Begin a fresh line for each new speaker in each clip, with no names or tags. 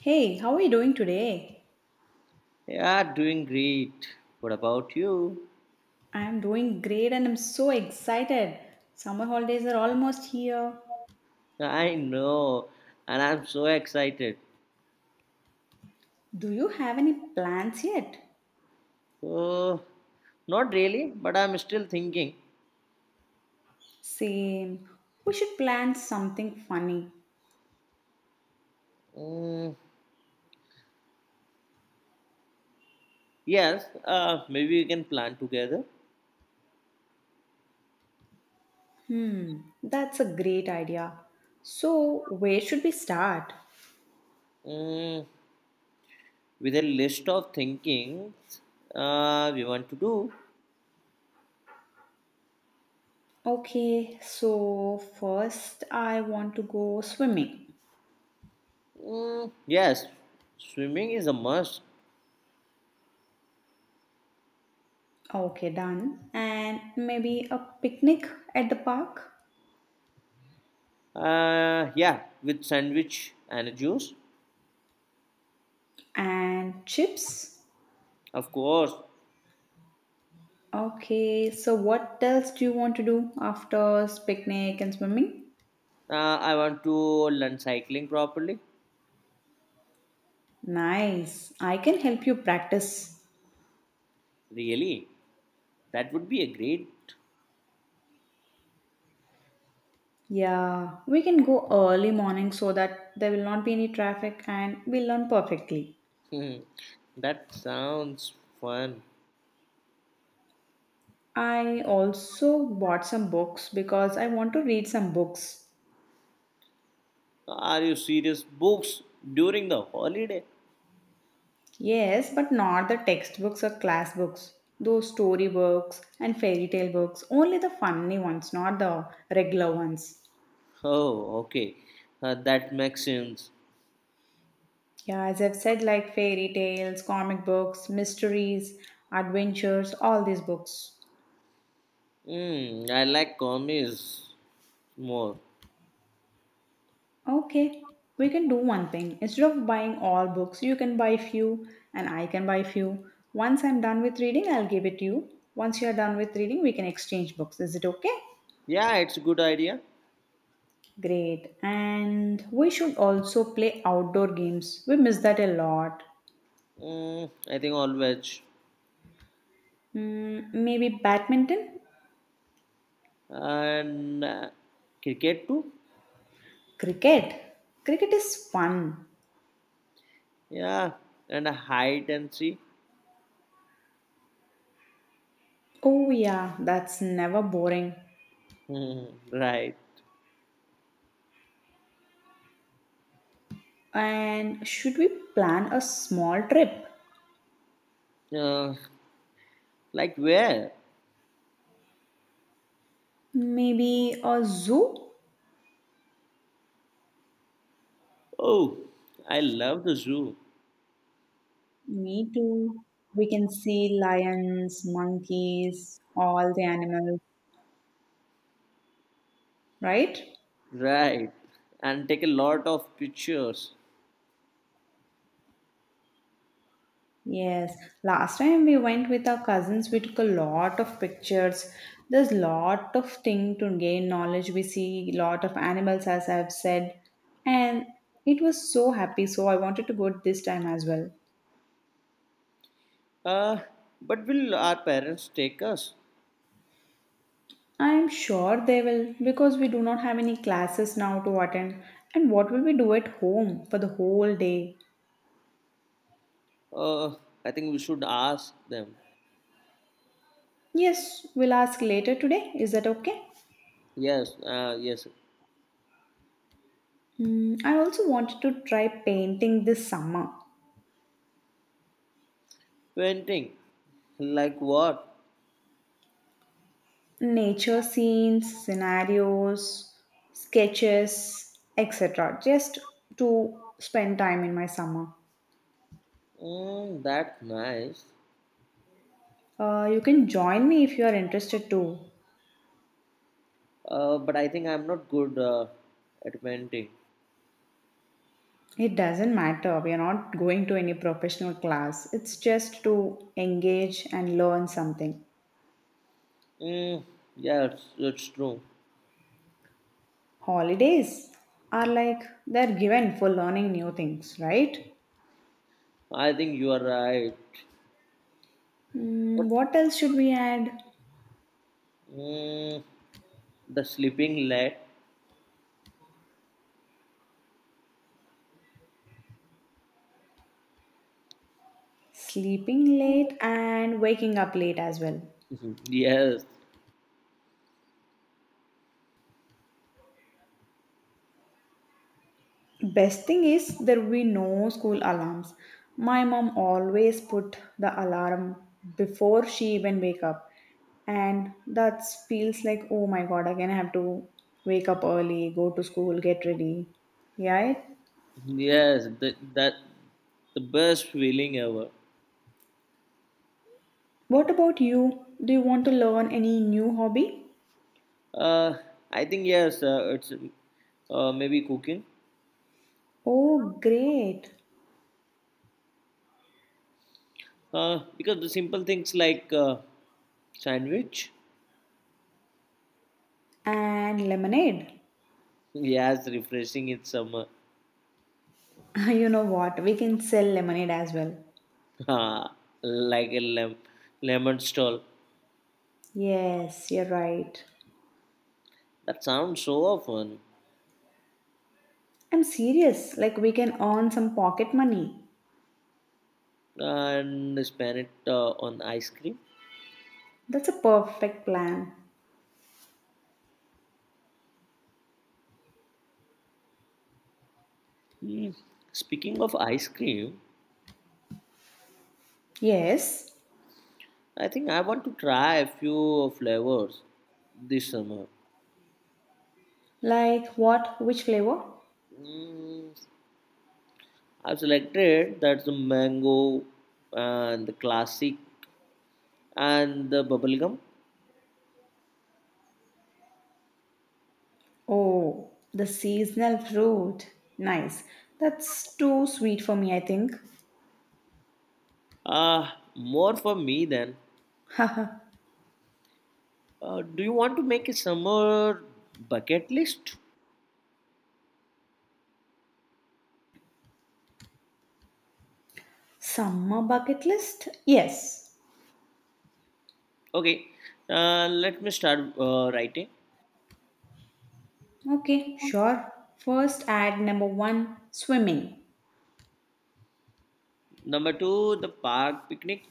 Hey, how are you doing today?
Yeah, doing great. What about you?
I'm doing great and I'm so excited. Summer holidays are almost here.
I know, and I'm so excited.
Do you have any plans yet?
Oh, not really, but I'm still thinking.
Same. We should plan something funny.
Mm, yes, maybe we can plan together
That's a great idea. So, where should we start?
mm, with a list of thinkings we want to do.
Okay, so first I want to go swimming.
Yes, swimming is a must.
Okay, done. And maybe a picnic at the park
Yeah, with sandwich and a juice,
and chips.
of course.
Okay, so what else do you want to do after picnic and swimming?
I want to learn cycling properly.
Nice. I can help you practice.
Really? That would be a great.
Yeah, we can go early morning so that there will not be any traffic and we'll learn perfectly.
Hmm, that sounds fun.
I also bought some books because I want to read some books.
Are you serious? Books during the holiday?
Yes, but not the textbooks or class books. Those story books and fairy tale books, only the funny ones, not the regular ones.
Oh, okay. That makes sense.
Yeah, as I've said, like fairy tales, comic books, mysteries, adventures, all these books.
Hmm. I like commies more.
Okay, we can do one thing. Instead of buying all books, you can buy few and I can buy few. Once I'm done with reading, I'll give it to you. Once you're done with reading, we can exchange books. Is it okay?
Yeah, it's a good idea.
Great. And we should also play outdoor games. We miss that a lot.
I think all veg.
Mm, maybe badminton?
And cricket too?
Cricket. Cricket is fun.
Yeah. And a hide and see?
Oh, yeah, that's never boring.
Hmm, right.
And should we plan a small trip?
Uh, like where?
Maybe a zoo?
Oh, I love the zoo.
Me too. We can see lions, monkeys, all the animals, right?
Right, and take a lot of pictures.
Yes. Last time we went with our cousins, we took a lot of pictures. There's lot of thing to gain knowledge. We see lot of animals, as I've said, and it was so happy. So I wanted to go this time as well.
Uh, but will our parents take us?
I am sure they will because we do not have any classes now to attend. And what will we do at home for the whole day?
Uh, I think we should ask them.
Yes, we'll ask later today. Is that okay?
Yes, yes.
Hmm, I also wanted to try painting this summer.
Painting, like what?
Nature scenes, scenarios, sketches, etc. Just to spend time in my summer.
That's nice.
You can join me if you are interested too.
But I think I'm not good at painting.
It doesn't matter. We are not going to any professional class. It's just to engage and learn something.
Mm, yeah, it's true.
Holidays are like they're given for learning new things, right?
I think you are right.
Hmm,
But
what else should we add?
mm, the sleeping light.
Sleeping late and waking up late as well.
Yes,
Best thing is there will be no school alarms. My mom always put the alarm before she even wake up, and that feels like oh my god again I have to wake up early, go to school, get ready. Yeah.
Yes, that the best feeling ever.
What about you? Do you want to learn any new hobby?
Uh, I think yes, it's maybe cooking.
Oh great!
Because the simple things like sandwich,
And lemonade.
yes, refreshing in summer,
You know what? We can sell lemonade as well.
like a lemon stall.
Yes, you're right.
That sounds so often.
I'm serious. Like, we can earn some pocket money.
And spend it on ice cream.
That's a perfect plan.
Mm, Speaking of ice cream,
Yes.
I think I want to try a few flavors this summer.
Like what? Which flavor?
Mm, I've selected that's the mango and the classic and the bubblegum.
Oh, the seasonal fruit. Nice. That's too sweet for me, I think.
Ah, more for me then.
Haha.
Do you want to make a summer bucket list?
Summer bucket list? Yes.
Okay, let me start writing.
Okay, sure. First, add number one, swimming.
Number two, the park picnic.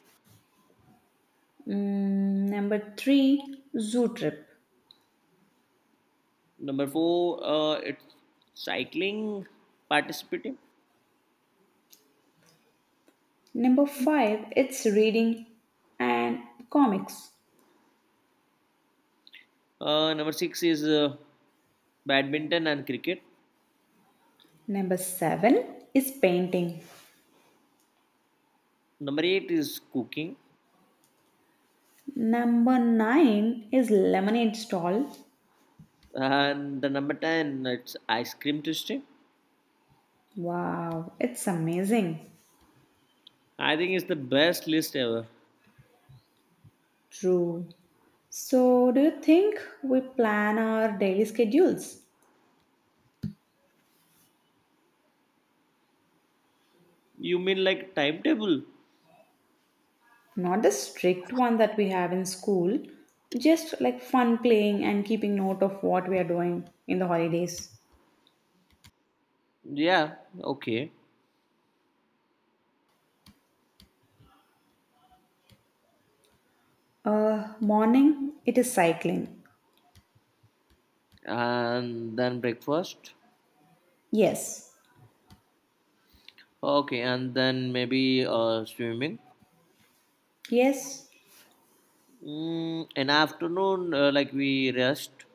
Mm, number three, zoo trip.
Number four, it's cycling participating.
Number five, it's reading and comics.
Number six is badminton and cricket.
Number seven is painting.
Number eight is cooking,
Number nine is lemonade stall.
and the number ten it's ice cream tasting.
Wow, it's amazing.
I think it's the best list ever.
True. So, do you think we plan our daily schedules?
You mean like timetable?
Not the strict one that we have in school, just like fun playing and keeping note of what we are doing in the holidays.
Yeah, okay.
Morning, it is cycling.
And then breakfast.
Yes.
Okay, and then maybe swimming.
Yes.
In afternoon, like we rest.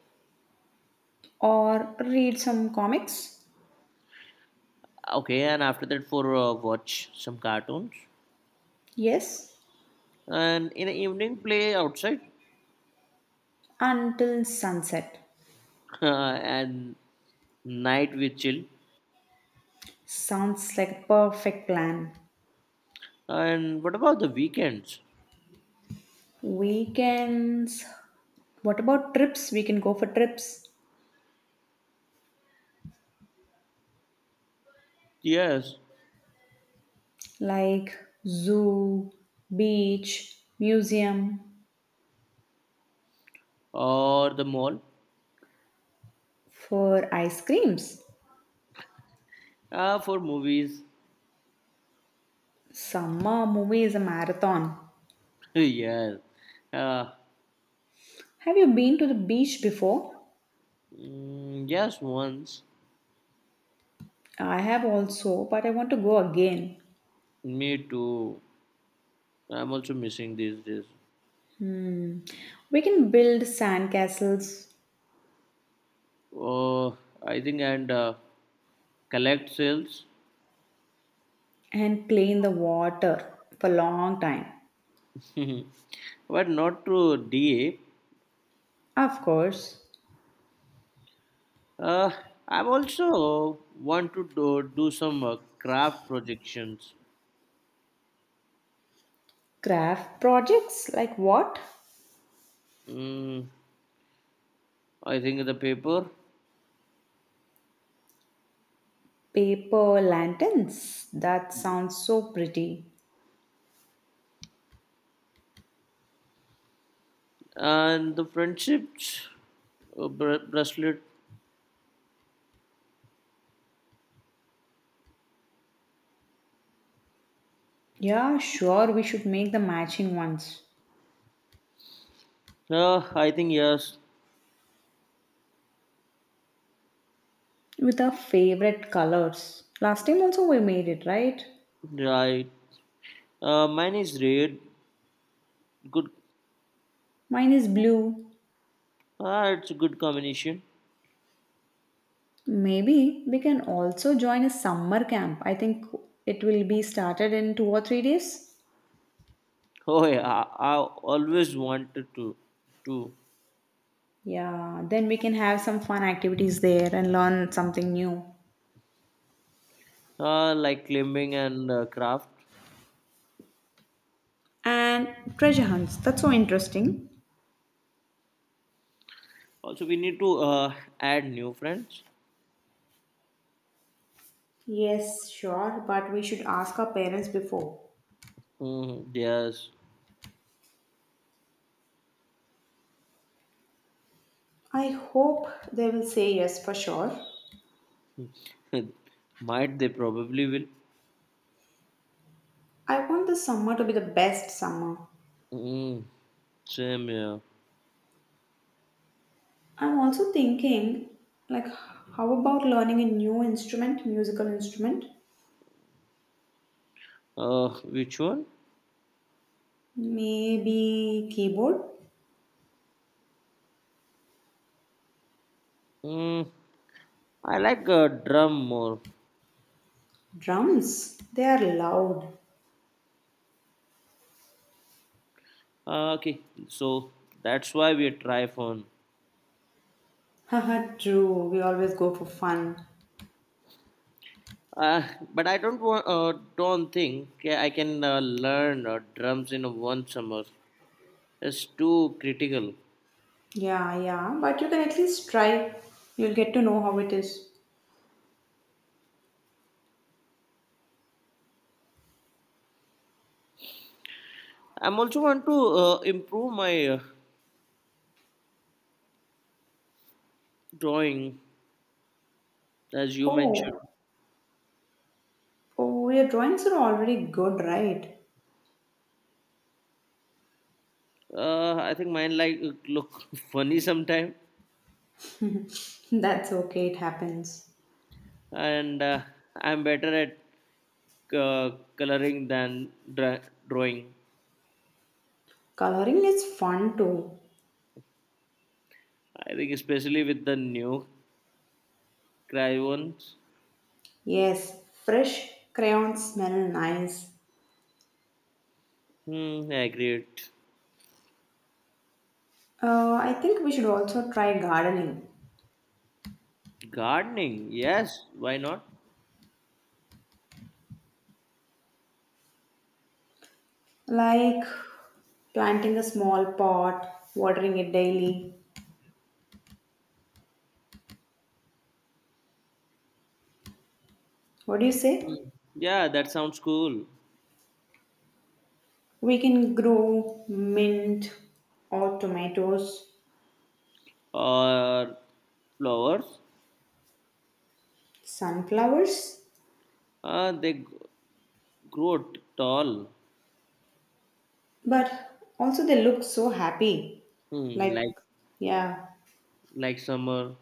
Or read some comics.
Okay, and after that for watch some cartoons.
Yes.
And in the evening, play outside.
Until sunset.
and night we chill.
Sounds like a perfect plan.
And what about the weekends?
Weekends. What about trips? We can go for trips
Yes,
like zoo, beach, museum
or the mall.
for ice creams.
For movies
Summer movie is a marathon.
yeah. Uh,
Have you been to the beach before?
yes, once.
I have also, but I want to go again.
Me too. I'm also missing these days.
We can build sandcastles
Oh, I think and collect sales,
and play in the water for a long time.
but not to DA.
Of course,
Uh, I'm also want to do some craft projections.
craft projects like what?
Mm, I think the paper
Paper lanterns? That sounds so pretty.
and the friendships bracelet.
Yeah, sure, we should make the matching ones
I think yes,
with our favorite colors. Last time also we made it, right?
right. Mine is red. Good
Mine is blue.
Ah, it's a good combination.
Maybe we can also join a summer camp. I think it will be started in 2 or 3 days.
Oh yeah, I always wanted to
Yeah, then we can have some fun activities there and learn something new.
like climbing and craft.
And treasure hunts, that's so interesting.
Also, we need to add new friends.
Yes, sure, but we should ask our parents before.
Yes,
I hope they will say yes for sure.
might they probably will.
I want this summer to be the best summer.
Mm, same yeah.
I'm also thinking, like, how about learning a new instrument, musical instrument?
Uh, which one?
Maybe keyboard?
Mm, I like drum more.
Drums? They are loud.
Okay, so that's why we try phone.
Haha, true. We always go for fun.
Uh, but I don't want, don't think I can learn drums in one summer. It's too critical.
Yeah, yeah, but you can at least try. You'll get to know how it is.
I'm also want to improve my drawing, as you mentioned.
Oh, oh, your drawings are already good, right?
I think mine like look funny sometime,
That's okay, it happens.
and I'm better at uh, coloring than drawing.
Coloring is fun too.
I think especially with the new crayons.
Yes, fresh crayons smell nice.
I agree.
I think we should also try gardening,
Gardening, yes, why not?
like planting a small pot, watering it daily. What do you say?
Mm. Yeah, that sounds cool.
We can grow mint or tomatoes,
Or flowers.
sunflowers,
Uh, they g- grow tall,
but also they look so happy.
hmm,
Like,
like
yeah,
like summer.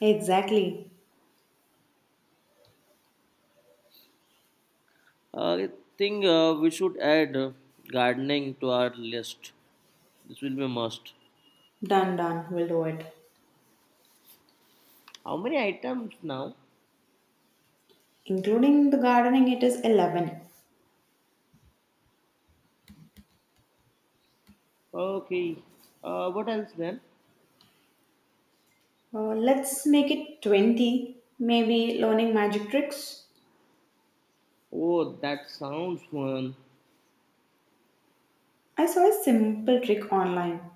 exactly.
I think we should add gardening to our list. This will be a must.
Done, done, we'll do it.
How many items now?
Including the gardening, it is 11.
Okay. What else then?
Let's make it 20, maybe learning magic tricks.
Oh, that sounds fun.
I saw a simple trick online.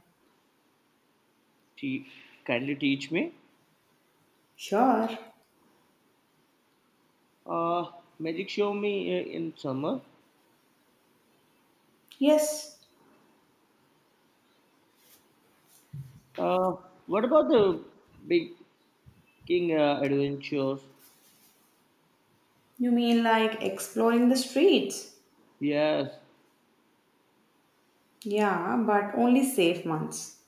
Te- kindly teach me.
Sure.
Uh, magic show me in summer.
Yes.
Uh, what about the big King Adventures.
You mean like exploring the streets?
Yes,
Yeah, but only safe ones.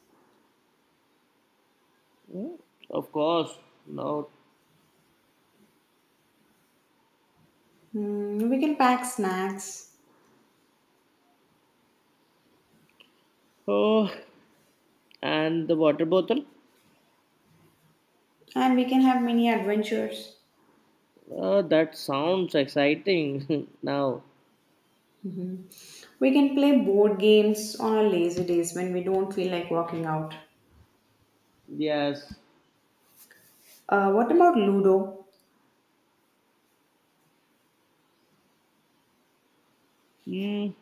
Mm, of course. No.
Hmm, we can pack snacks
Oh, and the water bottle.
and we can have mini adventures.
That sounds exciting. now,
We can play board games on our lazy days when we don't feel like walking out.
yes.
What about Ludo
Mm,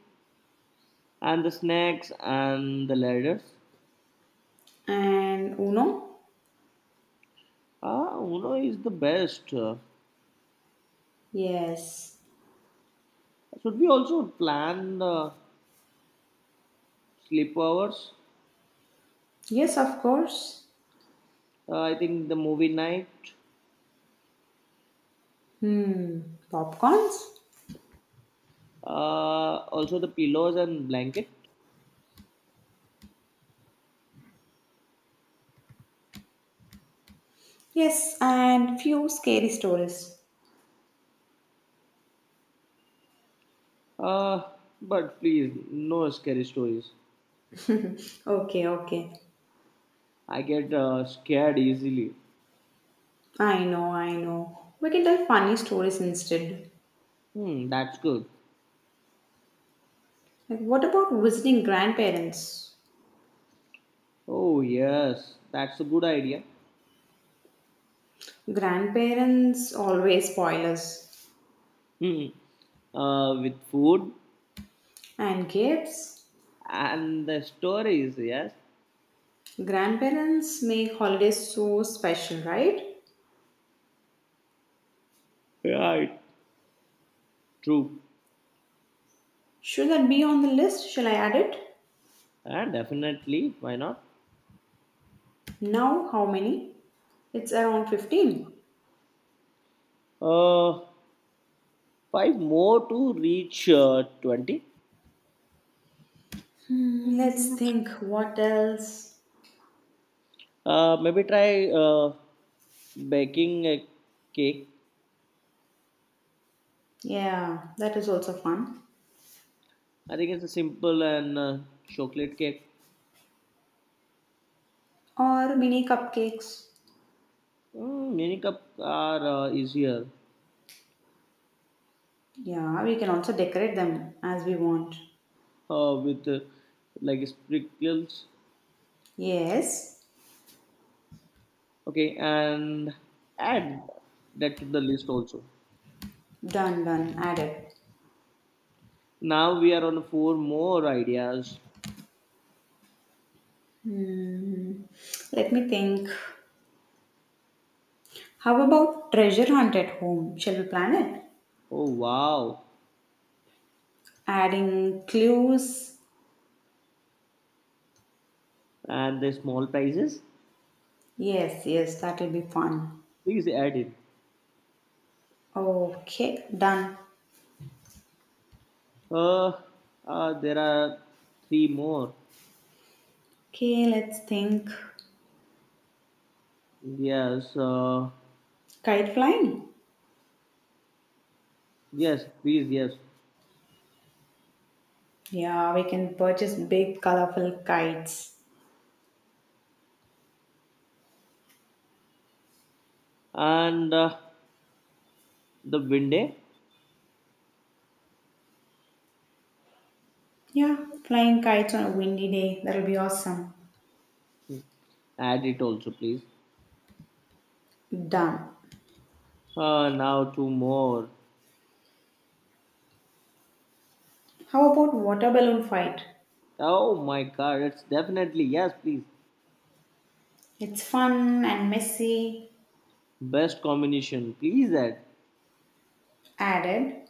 and the snacks and the ladders.
and Uno?
Ah, Uno is the best.
Yes.
Should we also plan the sleepovers?
Yes, of course.
I think the movie night.
Hmm, popcorns?
Also the pillows and blanket.
Yes, and few scary stories.
Uh, but please, no scary stories.
Okay, okay.
I get scared easily.
I know, I know. We can tell funny stories instead.
That's good.
Like, what about visiting grandparents?
Oh, yes, that's a good idea.
Grandparents always spoil us.
Hmm. With food
And gifts?
and the stories, yes.
Grandparents make holidays so special, right?
Right. True.
Should that be on the list? Shall I add it?
And definitely, why not?
Now, how many? It's around 15.
Uh, five more to reach 20.
Hmm, let's think what else.
Maybe try baking a cake.
Yeah, that is also fun.
I think it's a simple and chocolate cake.
Or mini cupcakes.
Mini cup are easier.
Yeah, we can also decorate them as we want.
With like sprinkles
Yes,
okay and add that to the list also
done, done, added.
now we are on four more ideas
Hmm. Let me think. How about treasure hunt at home? Shall we plan it?
oh wow
Adding clues.
and the small prices
Yes, yes, that will be fun.
please add it
Okay, done.
uh, uh there are three more
Okay, let's think.
yes
Kite flying.
yes please yes
Yeah, we can purchase big colorful kites.
and the window
Yeah, flying kites on a windy day. That'll be awesome.
add it also please
Done.
now two more
How about water balloon fight?
oh my god it's definitely yes please
It's fun and messy,
Best combination. Please that.
added.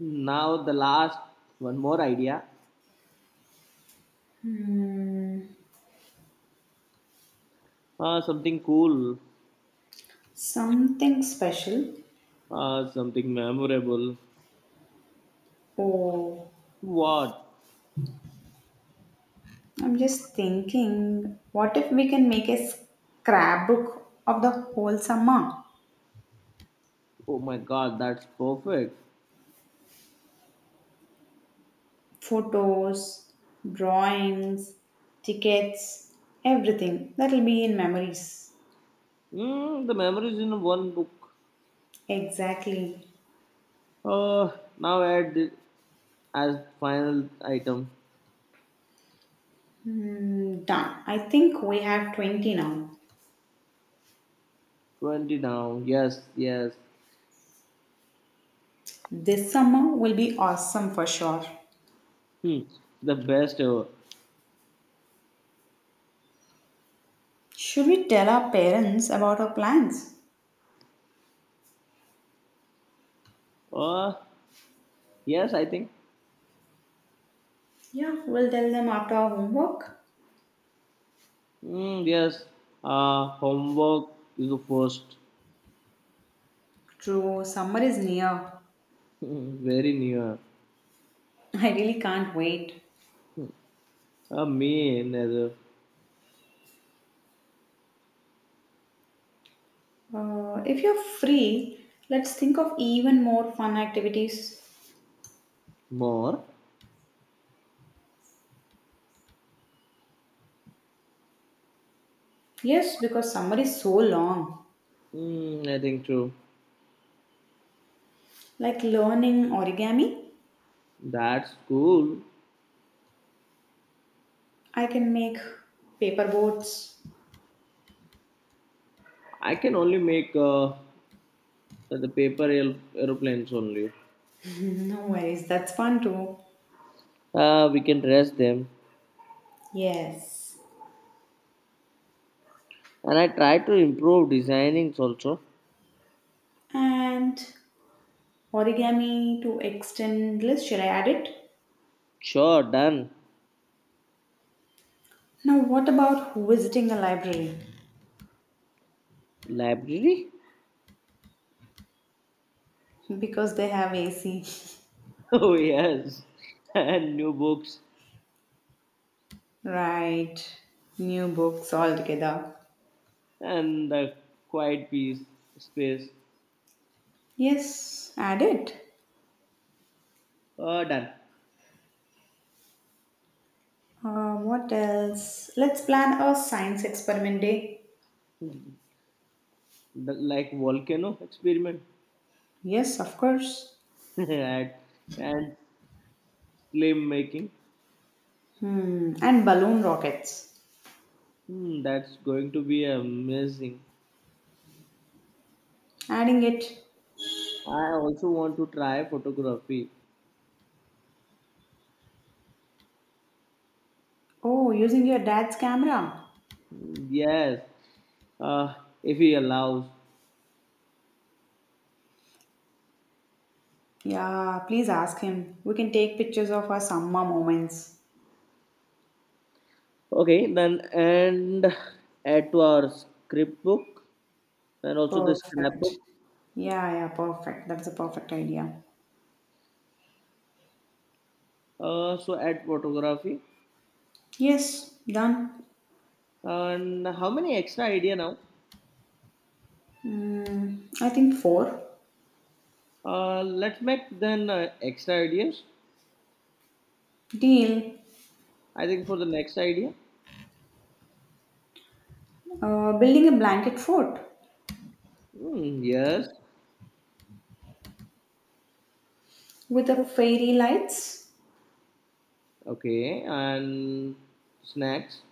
Now the last one more idea. Something cool.
Something special.
Something memorable.
Oh,
What?
I'm just thinking, what if we can make a scrapbook of the whole summer?
Oh my god, that's perfect.
Photos, drawings, tickets, everything. That'll be in memories.
The memories in one book.
Exactly.
Uh, now add it as final item.
Mm, done. I think we have 20 now.
20 down. Yes, yes.
This summer will be awesome for sure.
Hmm. The best ever.
Should we tell our parents about our plans?
Uh, yes, I think.
Yeah, we'll tell them after our homework.
Yes. Homework is the first.
True, summer is near.
Very near.
I really can't wait.
A mean as a
If you're free, let's think of even more fun activities.
more.
Yes, because summer is so long.
I think true.
Like learning origami,
That's cool.
I can make paper boats.
I can only make the paper aeroplanes only.
no worries, that's fun too.
We can dress them.
Yes.
And I try to improve designings also.
And origami to extend list, should I add it?
Sure, done.
Now, what about visiting a library?
Library?
Because they have AC.
Oh, yes. And new books.
Right. New books altogether.
And the quiet peace space.
Yes, add it.
Done.
What else? Let's plan a science experiment day.
The- like volcano experiment.
Yes, of course.
and, and slim making.
Hmm. And balloon rockets.
That's going to be amazing.
Adding it.
I also want to try photography.
Oh, using your dad's camera.
Hmm, Yes, uh, if he allows.
Yeah, please ask him. We can take pictures of our summer moments.
Okay, then and add to our script book and also the scrapbook.
Perfect. Yeah, yeah, perfect. That's a perfect idea.
So add photography.
Yes, done.
And how many extra idea now?
Mm, I think four.
Let's make then extra ideas.
Deal.
I think for the next idea.
Building a blanket fort
Hmm, yes.
with the fairy lights
Okay, and snacks.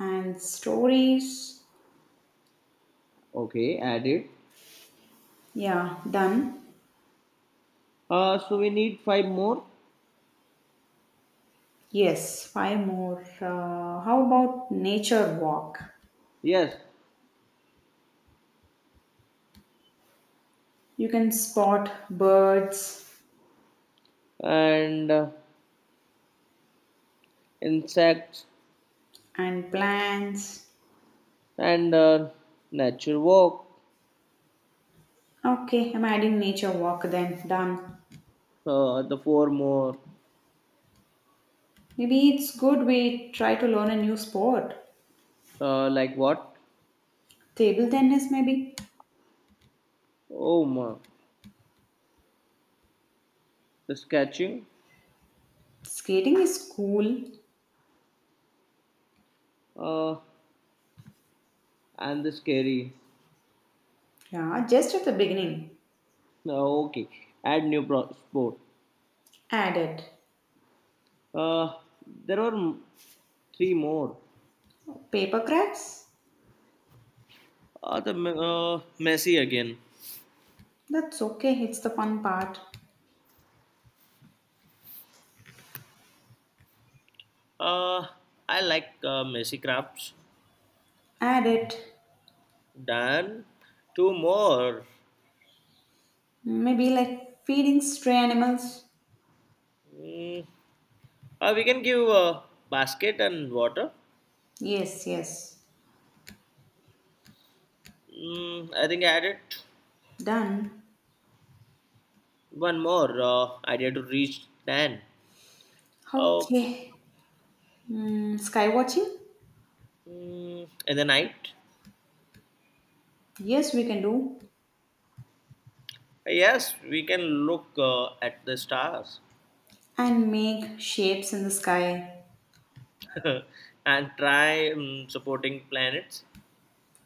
and stories.
Okay, add it.
Yeah, done.
So we need five more.
Yes, five more. How about nature walk?
Yes,
You can spot birds
and insects
and plants.
and nature walk.
Okay, I'm adding nature walk then. Done.
The four more
Maybe it's good we try to learn a new sport.
like what?
Table tennis, maybe.
Oh my, the sketching
Skating is cool.
uh, and the scary.
Yeah, just at the beginning.
Okay, add new sport.
Add it.
Uh, there are three more.
Paper crafts?
The Messi again.
That's okay, it's the fun part.
Uh, I like Messi crafts.
Add it.
Done two more.
Maybe like feeding stray animals.
Mm, we can give a basket and water.
Yes, yes.
I think I added
Done.
one more idea to reach 10. Okay.
Okay. Mm, sky watching?
In the night?
Yes, we can do.
Yes, we can look at the stars
And make shapes in the sky.
and try supporting planets.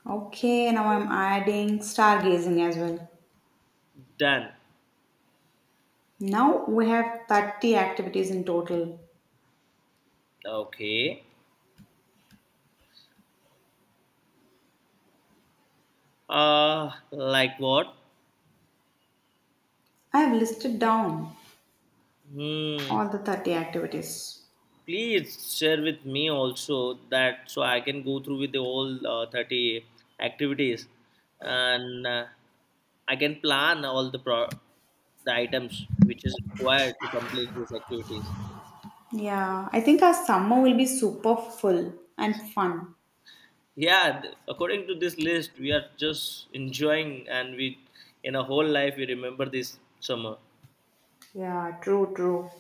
Okay, now I'm adding stargazing as well.
Done.
Now we have 30 activities in total.
Okay. Like what?
I have listed down
Hmm.
all the 30 activities.
Please share with me also that so I can go through with the all 30 activities and. I can plan all the the items which is required to complete these activities.
Yeah, I think our summer will be super full and fun.
Yeah, according to this list, we are just enjoying, and we in a whole life we remember this summer.
Yeah, true, true.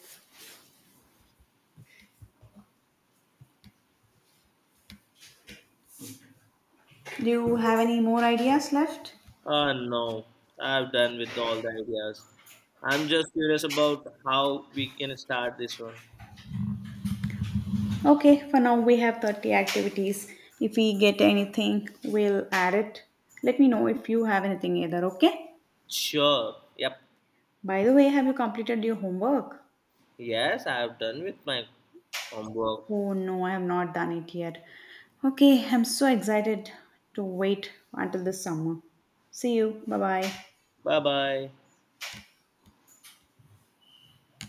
Do you have any more ideas left?
Ah no, I have done with all the ideas. I'm just curious about how we can start this one.
Okay, for now we have 30 activities. If we get anything, we'll add it. Let me know if you have anything either, okay?
Sure. Yep.
By the way, have you completed your homework?
Yes, I have done with my homework.
Oh no, I have not done it yet. Okay, I'm so excited to wait until the summer. See you. Bye bye.
Bye bye.